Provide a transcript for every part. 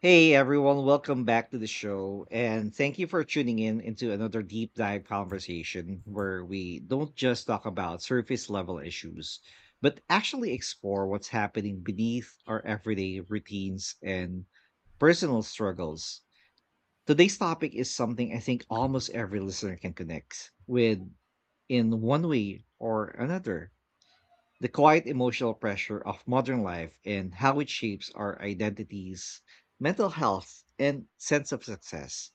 Hey everyone, welcome back to the show, and thank you for tuning in into another deep dive conversation where we don't just talk about surface level issues, but actually explore what's happening beneath our everyday routines and personal struggles. Today's topic is something I think almost every listener can connect with in one way or another, the quiet emotional pressure of modern life and how it shapes our identities, mental health, and sense of success.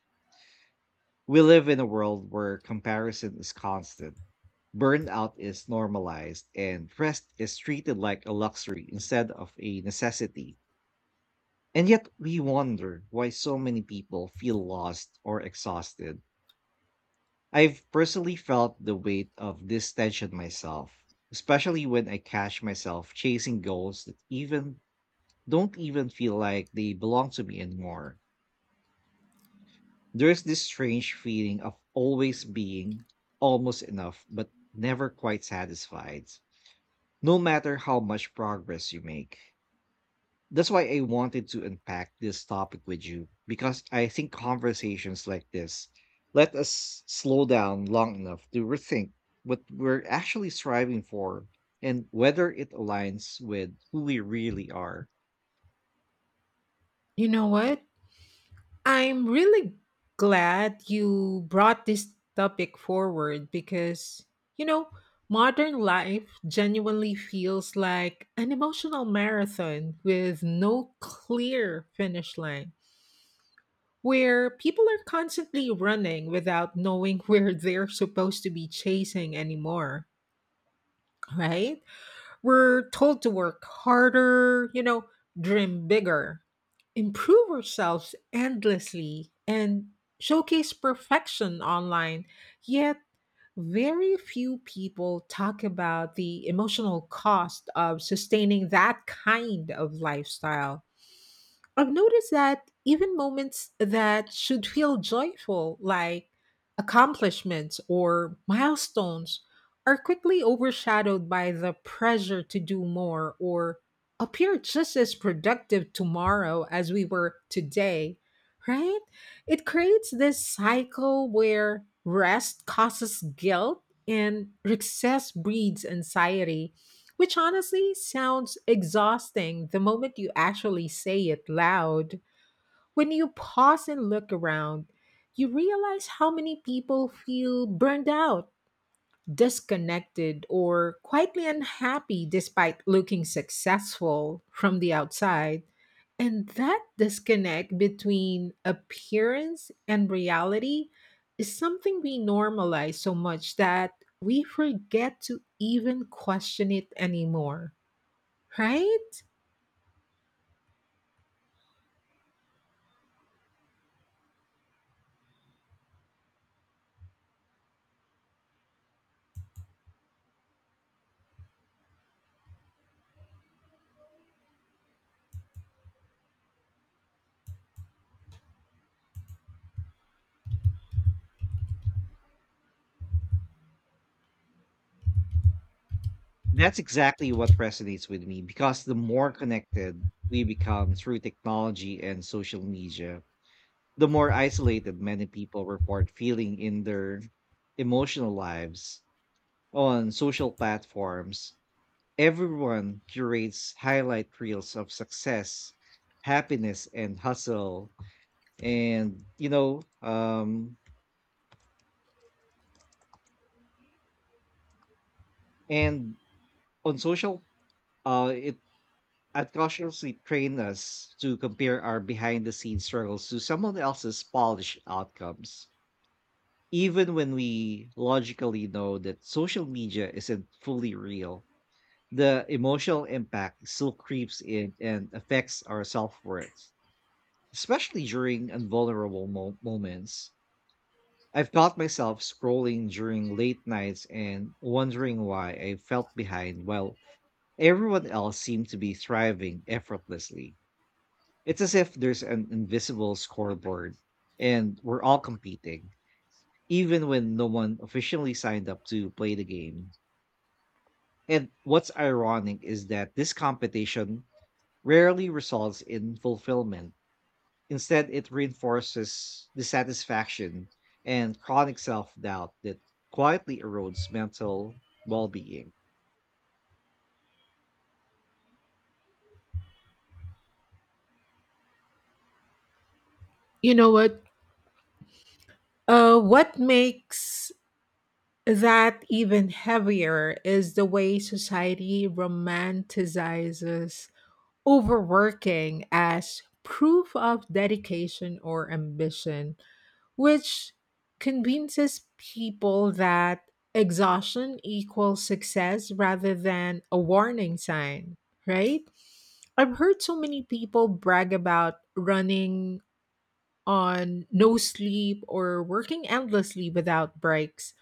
We live in a world where comparison is constant, burnout is normalized, and rest is treated like a luxury instead of a necessity. And yet, we wonder why so many people feel lost or exhausted. I've personally felt the weight of this tension myself, especially when I catch myself chasing goals that even don't even feel like they belong to me anymore. There's this strange feeling of always being almost enough, but never quite satisfied, no matter how much progress you make. That's why I wanted to unpack this topic with you, because I think conversations like this let us slow down long enough to rethink what we're actually striving for and whether it aligns with who we really are. You know what? I'm really glad you brought this topic forward because, you know, modern life genuinely feels like an emotional marathon with no clear finish line, where people are constantly running without knowing where they're supposed to be chasing anymore, right? We're told to work harder, dream bigger improve ourselves endlessly and showcase perfection online, yet, very few people talk about the emotional cost of sustaining that kind of lifestyle. I've noticed that even moments that should feel joyful, like accomplishments or milestones, are quickly overshadowed by the pressure to do more or appear just as productive tomorrow as we were today, right? It creates this cycle where rest causes guilt and success breeds anxiety which honestly sounds exhausting the moment you actually say it loud. When you pause and look around, you realize how many people feel burned out, disconnected, or quietly unhappy despite looking successful from the outside. And that disconnect between appearance and reality is something we normalize so much that we forget to even question it anymore. Right? That's exactly what resonates with me because the more connected we become through technology and social media, the more isolated many people report feeling in their emotional lives. On social platforms, everyone curates highlight reels of success, happiness, and hustle. And, you know, and on social, it and cautiously train us to compare our behind the scenes struggles to someone else's polished outcomes, even when we logically know that social media isn't fully real. The emotional impact still creeps in and affects our self worth, especially during invulnerable moments. I've caught myself scrolling during late nights and wondering why I felt behind while everyone else seemed to be thriving effortlessly. It's as if there's an invisible scoreboard and we're all competing, even when no one officially signed up to play the game. And what's ironic is that this competition rarely results in fulfillment. Instead, it reinforces dissatisfaction and chronic self doubt that quietly erodes mental well being. You know what? What makes that even heavier is the way society romanticizes overworking as proof of dedication or ambition, which convinces people that exhaustion equals success rather than a warning sign, right? I've heard so many people brag about running on no sleep or working endlessly without breaks,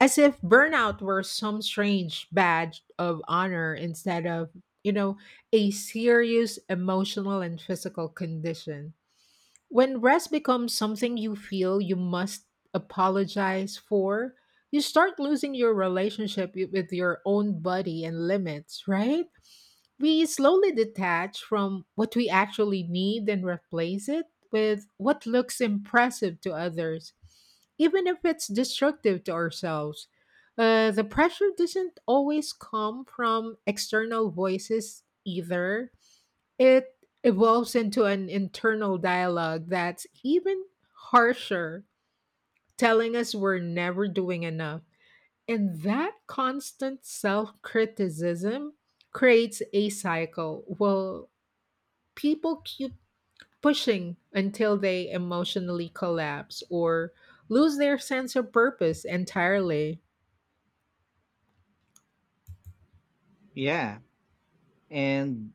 as if burnout were some strange badge of honor instead of, you know, a serious emotional and physical condition. When rest becomes something you feel you must apologize for, you start losing your relationship with your own body and limits, right? We slowly detach from what we actually need and replace it with what looks impressive to others, even if it's destructive to ourselves. The pressure doesn't always come from external voices either. It evolves into an internal dialogue that's even harsher, telling us we're never doing enough. And that constant self criticism creates a cycle. Well, people keep pushing until they emotionally collapse or lose their sense of purpose entirely. Yeah. And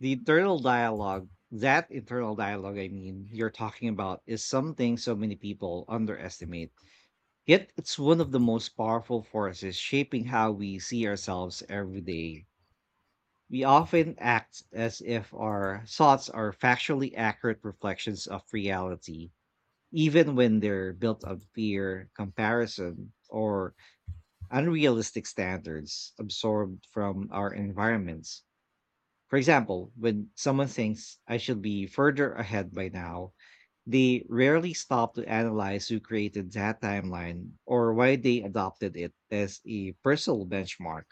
the internal dialogue, that internal dialogue, I mean, you're talking about is something so many people underestimate. Yet it's one of the most powerful forces shaping how we see ourselves every day. We often act as if our thoughts are factually accurate reflections of reality, even when they're built on fear, comparison, or unrealistic standards absorbed from our environments. For example, when someone thinks I should be further ahead by now, they rarely stop to analyze who created that timeline or why they adopted it as a personal benchmark.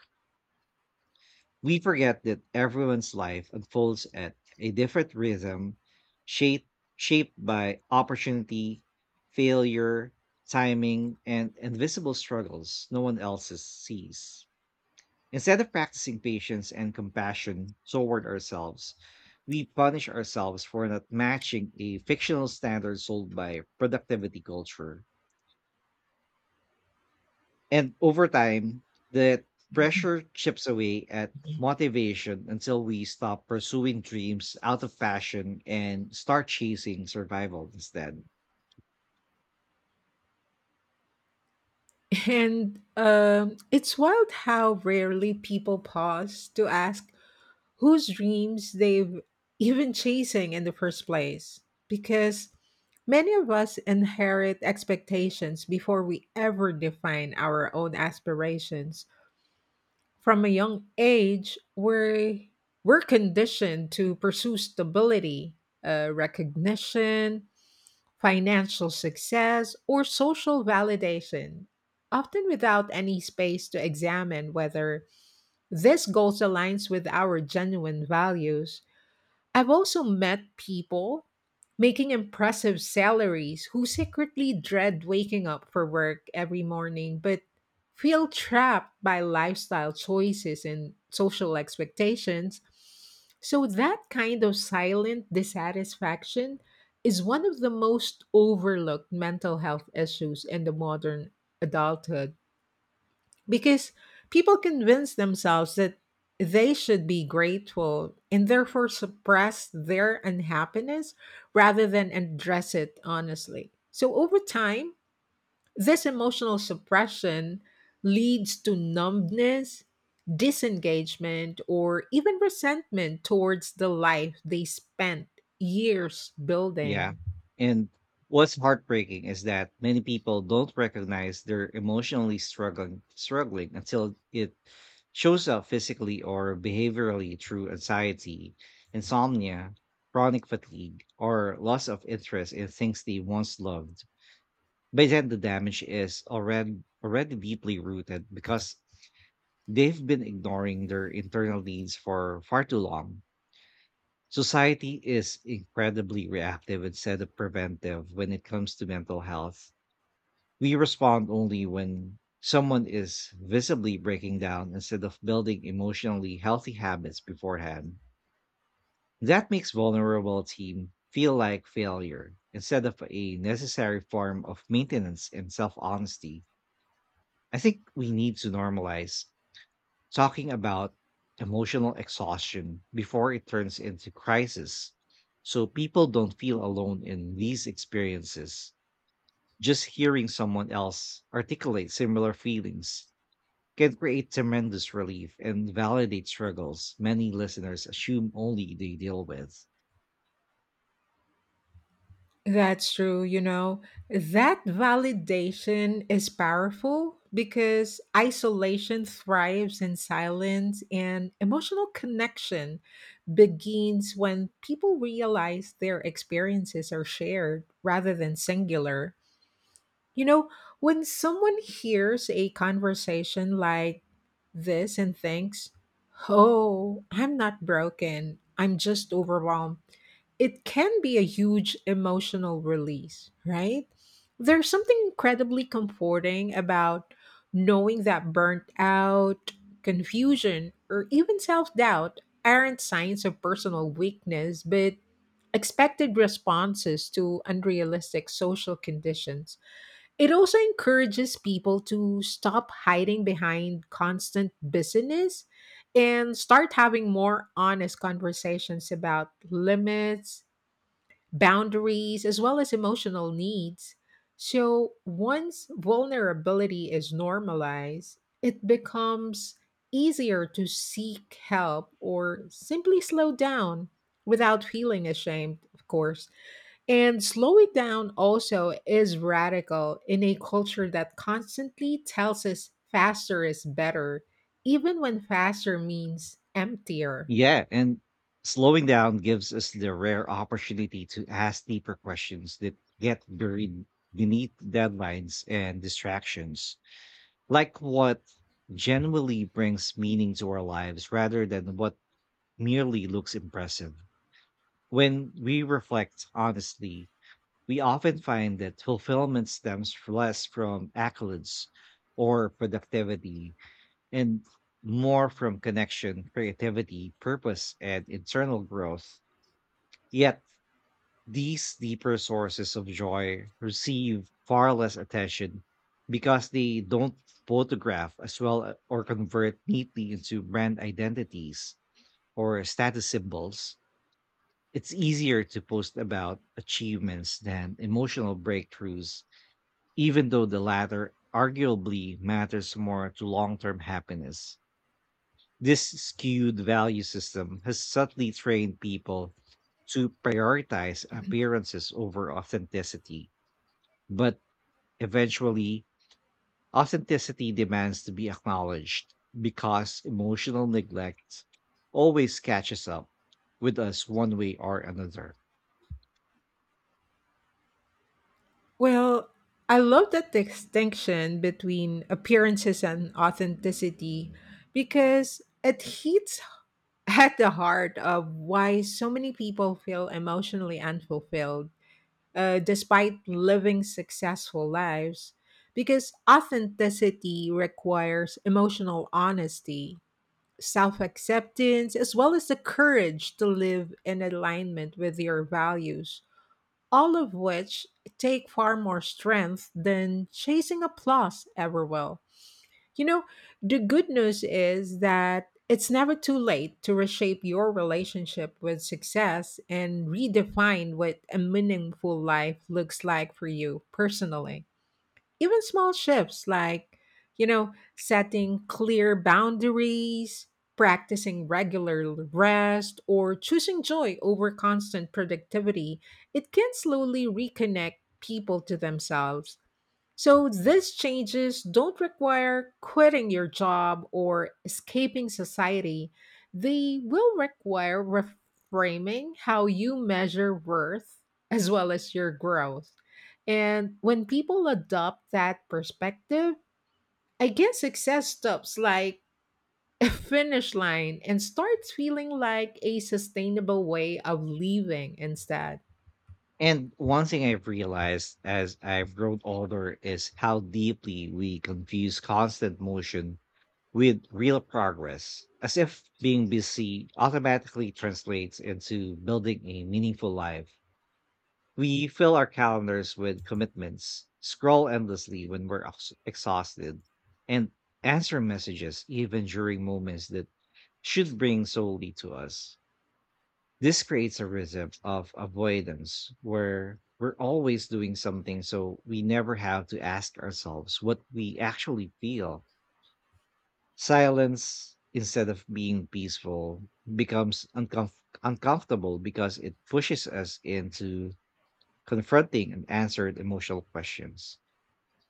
We forget that everyone's life unfolds at a different rhythm, shaped, shaped by opportunity, failure, timing, and invisible struggles no one else sees. Instead of practicing patience and compassion toward ourselves, we punish ourselves for not matching a fictional standard sold by productivity culture. And over time, the pressure chips away at motivation until we stop pursuing dreams out of fashion and start chasing survival instead. And it's wild how rarely people pause to ask whose dreams they've even chasing in the first place because many of us inherit expectations before we ever define our own aspirations from a young age we're conditioned to pursue stability recognition financial success or social validation often without any space to examine whether this goal aligns with our genuine values. I've also met people making impressive salaries who secretly dread waking up for work every morning but feel trapped by lifestyle choices and social expectations. So, that kind of silent dissatisfaction is one of the most overlooked mental health issues in the modern adulthood because people convince themselves that they should be grateful and therefore suppress their unhappiness rather than address it honestly. So, over time, this emotional suppression leads to numbness, disengagement, or even resentment towards the life they spent years Yeah. building. And what's heartbreaking is that many people don't recognize they're emotionally struggling until it shows up physically or behaviorally through anxiety, insomnia, chronic fatigue, or loss of interest in things they once loved. By then the damage is already deeply rooted because they've been ignoring their internal needs for far too long. Society is incredibly reactive instead of preventive when it comes to mental health. We respond only when someone is visibly breaking down instead of building emotionally healthy habits beforehand. That makes vulnerable team feel like failure instead of a necessary form of maintenance and self-honesty. I think we need to normalize talking about emotional exhaustion before it turns into crisis so people don't feel alone in these experiences. Just hearing someone else articulate similar feelings can create tremendous relief and validate struggles many listeners assume only they deal with. That's true, you know. That validation is powerful because isolation thrives in silence and emotional connection begins when people realize their experiences are shared rather than singular. You know, when someone hears a conversation like this and thinks, "Oh, I'm not broken, I'm just overwhelmed," it can be a huge emotional release, right? There's something incredibly comforting about knowing that burnt out, confusion, or even self doubt aren't signs of personal weakness, but expected responses to unrealistic social conditions. It also encourages people to stop hiding behind constant busyness and start having more honest conversations about limits boundaries, as well as emotional needs. So once vulnerability is normalized, it becomes easier to seek help or simply slow down without feeling ashamed, of course. And slowing down also is radical in a culture that constantly tells us faster is better, even when faster means emptier. Yeah, and slowing down gives us the rare opportunity to ask deeper questions that get buried beneath deadlines and distractions. Like what genuinely brings meaning to our lives rather than what merely looks impressive. When we reflect honestly, we often find that fulfillment stems less from accolades or productivity and more from connection, creativity, purpose, and internal growth. Yet these deeper sources of joy receive far less attention because they don't photograph as well, or convert neatly into brand identities or status symbols. It's easier to post about achievements than emotional breakthroughs, even though the latter arguably matters more to long term happiness. This skewed value system has subtly trained people to prioritize appearances over authenticity, but eventually, authenticity demands to be acknowledged because emotional neglect always catches up with us one way or another. Well, I love that distinction between appearances and authenticity because it hits at the heart of why so many people feel emotionally unfulfilled despite living successful lives. Because authenticity requires emotional honesty, self acceptance, as well as the courage to live in alignment with your values, all of which take far more strength than chasing applause ever will. You know, the good news is that it's never too late to reshape your relationship with success and redefine what a meaningful life looks like for you personally. Even small shifts like, setting clear boundaries, practicing regular rest, or choosing joy over constant productivity, it can slowly reconnect people to themselves. So these changes don't require quitting your job or escaping society. They will require reframing how you measure worth as well as your growth. And when people adopt that perspective, I guess success stops like a finish line and starts feeling like a sustainable way of living instead. And one thing I've realized as I've grown older is how deeply we confuse constant motion with real progress, as if being busy automatically translates into building a meaningful life. We fill our calendars with commitments, scroll endlessly when we're exhausted, and answer messages even during moments that should bring solely to us. This creates a rhythm of avoidance where we're always doing something, so we never have to ask ourselves what we actually feel. Silence, instead of being peaceful, becomes uncomfortable because it pushes us into confronting unanswered emotional questions.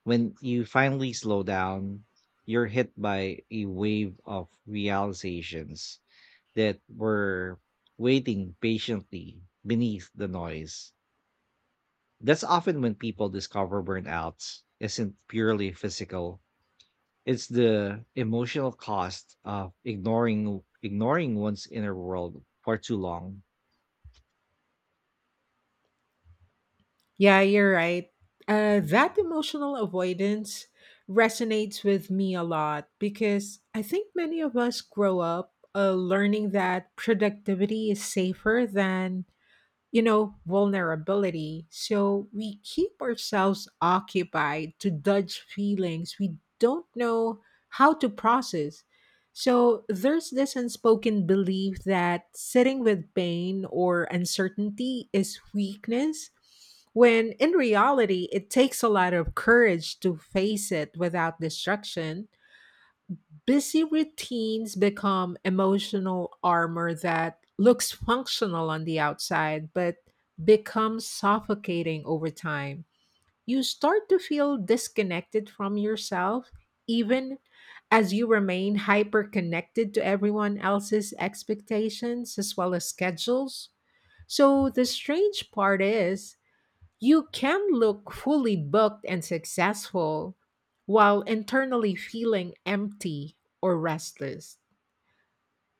When you finally slow down, you're hit by a wave of realizations that were waiting patiently beneath the noise. That's often when people discover burnout isn't purely physical. It's the emotional cost of ignoring one's inner world for too long. Yeah, you're right. That emotional avoidance resonates with me a lot because I think many of us grow up learning that productivity is safer than vulnerability. So we keep ourselves occupied to dodge feelings we don't know how to process. So there's this unspoken belief that sitting with pain or uncertainty is weakness, when in reality, it takes a lot of courage to face it without destruction. Busy routines become emotional armor that looks functional on the outside but becomes suffocating over time. You start to feel disconnected from yourself even as you remain hyper connected to everyone else's expectations as well as schedules. So the strange part is you can look fully booked and successful while internally feeling empty or restless.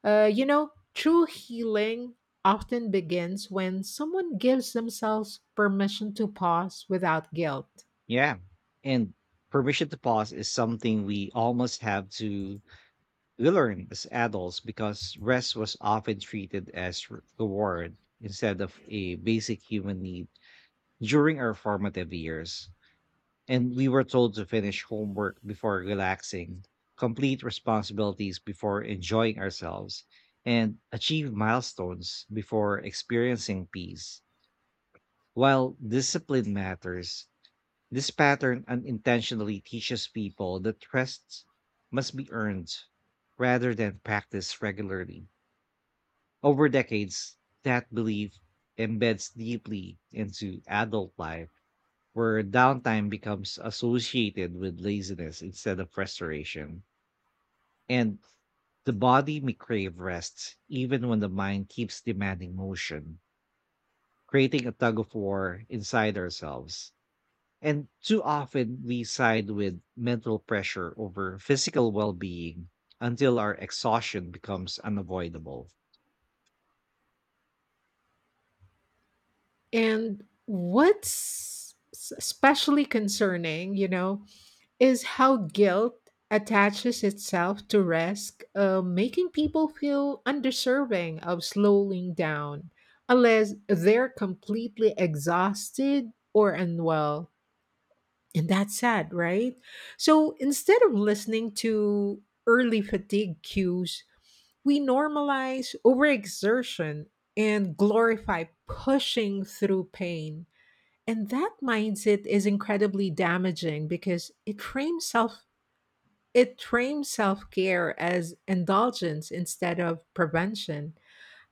You know, true healing often begins when someone gives themselves permission to pause without guilt. Yeah. And permission to pause is something we almost have to We learned as adults because rest was often treated as reward instead of a basic human need during our formative years. And we were told to finish homework before relaxing, complete responsibilities before enjoying ourselves, and achieve milestones before experiencing peace. While discipline matters, this pattern unintentionally teaches people that rest must be earned rather than practiced regularly. Over decades, that belief embeds deeply into adult life, where downtime becomes associated with laziness instead of restoration. And the body may crave rest, even when the mind keeps demanding motion, creating a tug of war inside ourselves. And too often we side with mental pressure over physical well being until our exhaustion becomes unavoidable. And what's especially concerning, you know, is how guilt attaches itself to risk, making people feel undeserving of slowing down unless they're completely exhausted or unwell. And that's sad, right? So instead of listening to early fatigue cues, we normalize overexertion and glorify pushing through pain. And that mindset is incredibly damaging because it frames self-care as indulgence instead of prevention.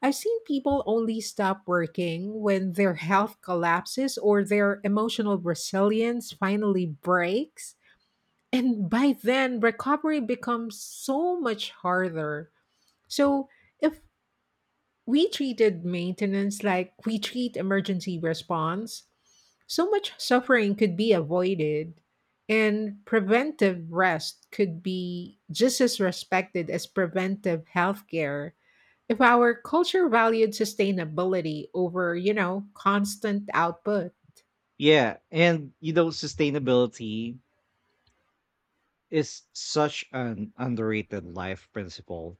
I've seen people only stop working when their health collapses or their emotional resilience finally breaks and by then, recovery becomes so much harder. So, if we treated maintenance like we treat emergency response, so much suffering could be avoided, and preventive rest could be just as respected as preventive healthcare if our culture valued sustainability over, constant output. Yeah. And, you know, sustainability is such an underrated life principle,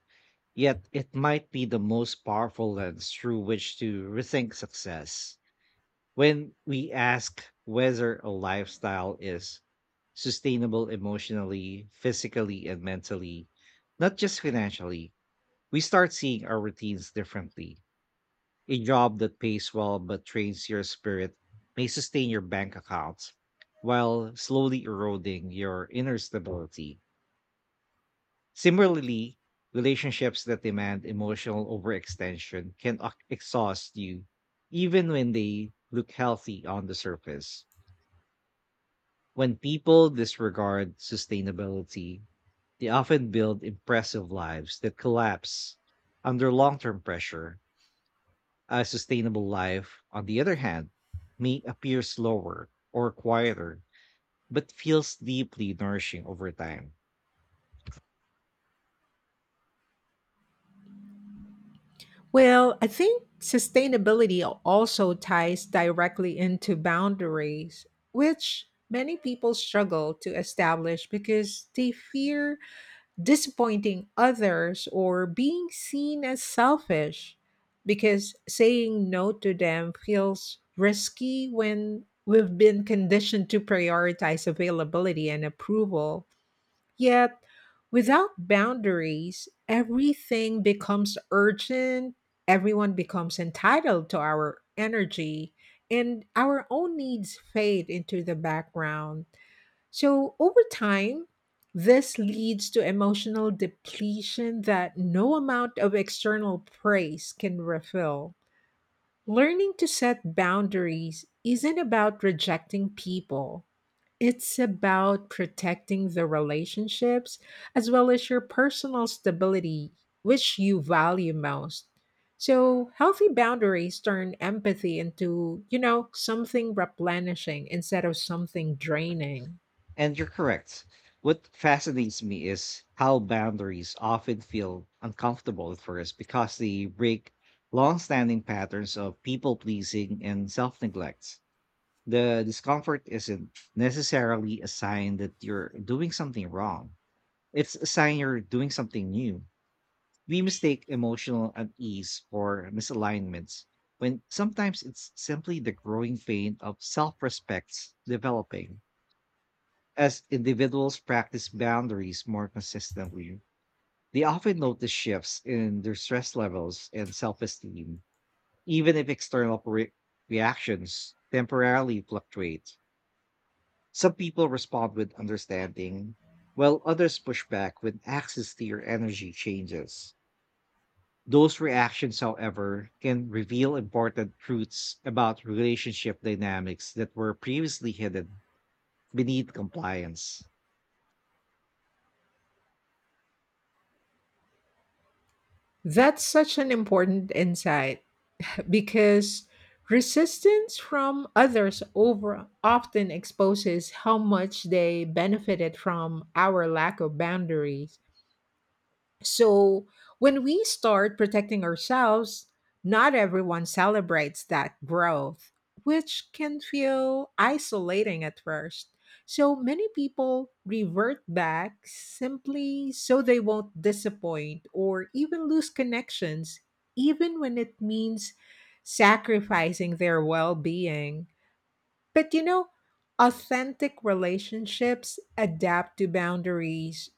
yet it might be the most powerful lens through which to rethink success. When we ask whether a lifestyle is sustainable emotionally, physically, and mentally, not just financially, we start seeing our routines differently. A job that pays well but trains your spirit may sustain your bank accounts while slowly eroding your inner stability. Similarly, relationships that demand emotional overextension can exhaust you, even when they look healthy on the surface. When people disregard sustainability, they often build impressive lives that collapse under long term pressure. A sustainable life, on the other hand, may appear slower or quieter, but feels deeply nourishing over time. Well, I think sustainability also ties directly into boundaries, which many people struggle to establish because they fear disappointing others or being seen as selfish. Because saying no to them feels risky when we've been conditioned to prioritize availability and approval. Yet, without boundaries, everything becomes urgent, everyone becomes entitled to our energy, and our own needs fade into the background. So, over time, this leads to emotional depletion that no amount of external praise can refill. Learning to set boundaries isn't about rejecting people it's about protecting the relationships as well as your personal stability, which you value most. So, healthy boundaries turn empathy into, something replenishing instead of something draining. And you're correct. What fascinates me is how boundaries often feel uncomfortable at first because they break long-standing patterns of people-pleasing and self-neglect. The discomfort isn't necessarily a sign that you're doing something wrong. It's a sign you're doing something new. We mistake emotional unease for misalignments when sometimes it's simply the growing pain of self-respect developing. As individuals practice boundaries more consistently, they often notice shifts in their stress levels and self esteem, even if external reactions temporarily fluctuate. Some people respond with understanding, while others push back when access to your energy changes. Those reactions, however, can reveal important truths about relationship dynamics that were previously hidden beneath compliance. That's such an important insight because resistance from others over often exposes how much they benefited from our lack of boundaries. So when we start protecting ourselves, not everyone celebrates that growth, which can feel isolating at first. So many people revert back simply so they won't disappoint or even lose connections, even when it means sacrificing their well being. But you know, authentic relationships adapt to boundaries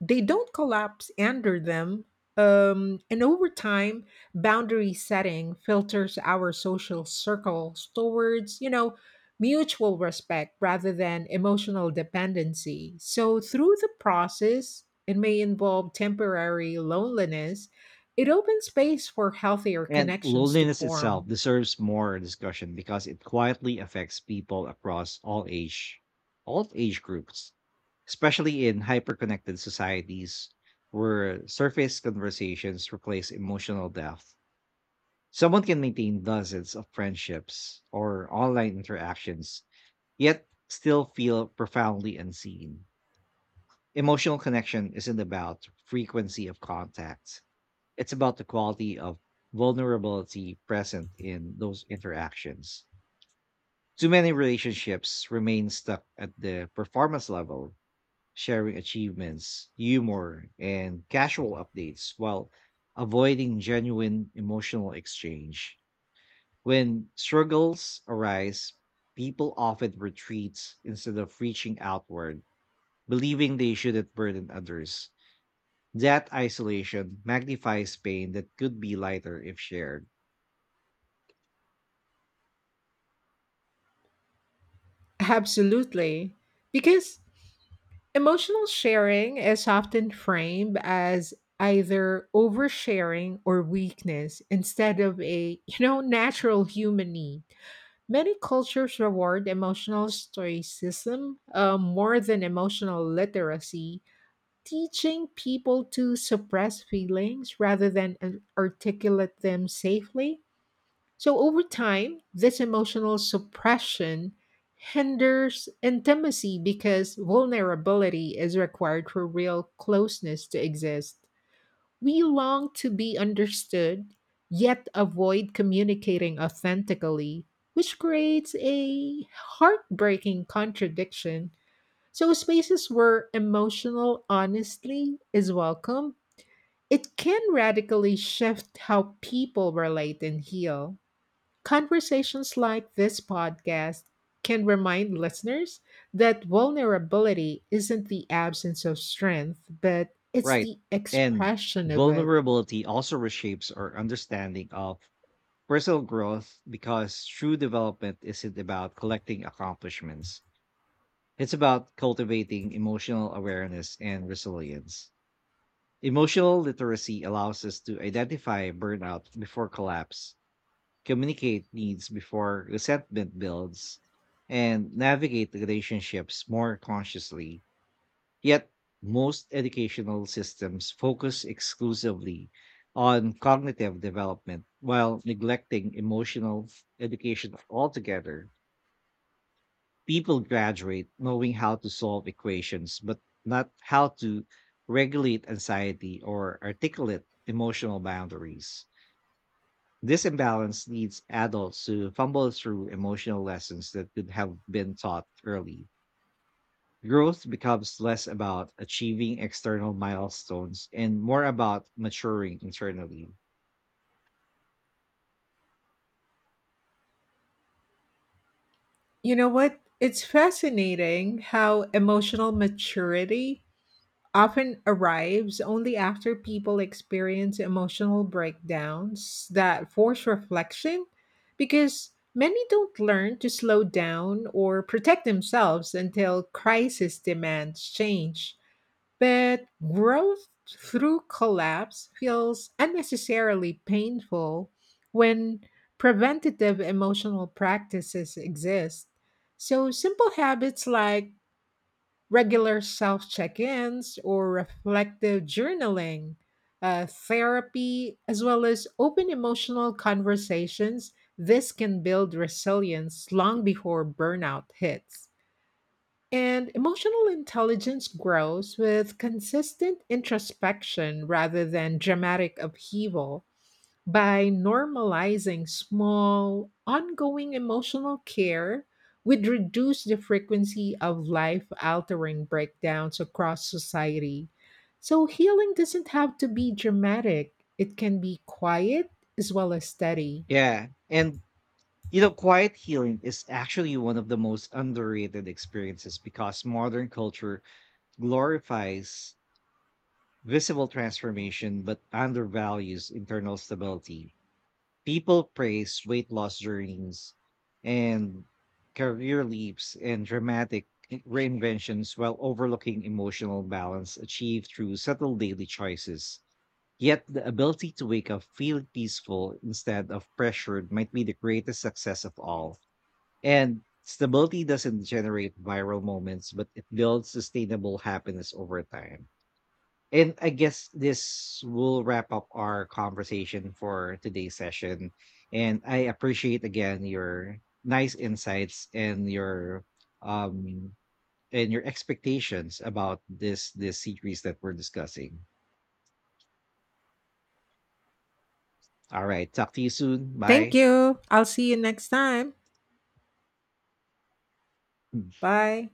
they don't collapse under them. And over time, boundary setting filters our social circles towards, mutual respect rather than emotional dependency. So through the process, it may involve temporary loneliness. It opens space for healthier And connections to loneliness itself form. deserves more discussion because it quietly affects people across all age groups, especially in hyperconnected societies where surface conversations replace emotional depth. Someone can maintain dozens of friendships or online interactions, yet still feel profoundly unseen. Emotional connection isn't about frequency of contact, it's about the quality of vulnerability present in those interactions. Too many relationships remain stuck at the performance level, sharing achievements, humor, and casual updates while avoiding genuine emotional exchange. When struggles arise, people often retreat instead of reaching outward, believing they shouldn't burden others. That isolation magnifies pain that could be lighter if shared. Absolutely. Because emotional sharing is often framed as either oversharing or weakness instead of a, natural human need. Many cultures reward emotional stoicism more than emotional literacy, teaching people to suppress feelings rather than articulate them safely. So over time, this emotional suppression hinders intimacy because vulnerability is required for real closeness to exist. We long to be understood, yet avoid communicating authentically, which creates a heartbreaking contradiction. So, spaces where emotional honesty is welcome, it can radically shift how people relate and heal. Conversations like this podcast can remind listeners that vulnerability isn't the absence of strength, but it's Right. the And expression of it. vulnerability also reshapes our understanding of personal growth because true development isn't about collecting accomplishments. It's about cultivating emotional awareness and resilience. Emotional literacy allows us to identify burnout before collapse, communicate needs before resentment builds, and navigate relationships more consciously. Yet, most educational systems focus exclusively on cognitive development while neglecting emotional education altogether. People graduate knowing how to solve equations, but not how to regulate anxiety or articulate emotional boundaries. This imbalance leads adults to fumble through emotional lessons that could have been taught early. Growth becomes less about achieving external milestones and more about maturing internally. You know what? It's fascinating how emotional maturity often arrives only after people experience emotional breakdowns that force reflection because many don't learn to slow down or protect themselves until crisis demands change. But growth through collapse feels unnecessarily painful when preventative emotional practices exist. So, simple habits like regular self check ins or reflective journaling, therapy, as well as open emotional conversations, this can build resilience long before burnout hits. And emotional intelligence grows with consistent introspection rather than dramatic upheaval by normalizing small, ongoing emotional care, we'd reduce the frequency of life altering breakdowns across society. So, healing doesn't have to be dramatic, it can be quiet as well as steady. Yeah. And, you know, quiet healing is actually one of the most underrated experiences because modern culture glorifies visible transformation but undervalues internal stability. People praise weight loss journeys and career leaps and dramatic reinventions while overlooking emotional balance achieved through subtle daily choices. Yet the ability to wake up feeling peaceful instead of pressured might be the greatest success of all. And stability doesn't generate viral moments, but it builds sustainable happiness over time. And I guess this will wrap up our conversation for today's session. And I appreciate again your nice insights um and your expectations about this series that we're discussing. All right, talk to you soon. Thank Bye. you. I'll see you next time. 拜。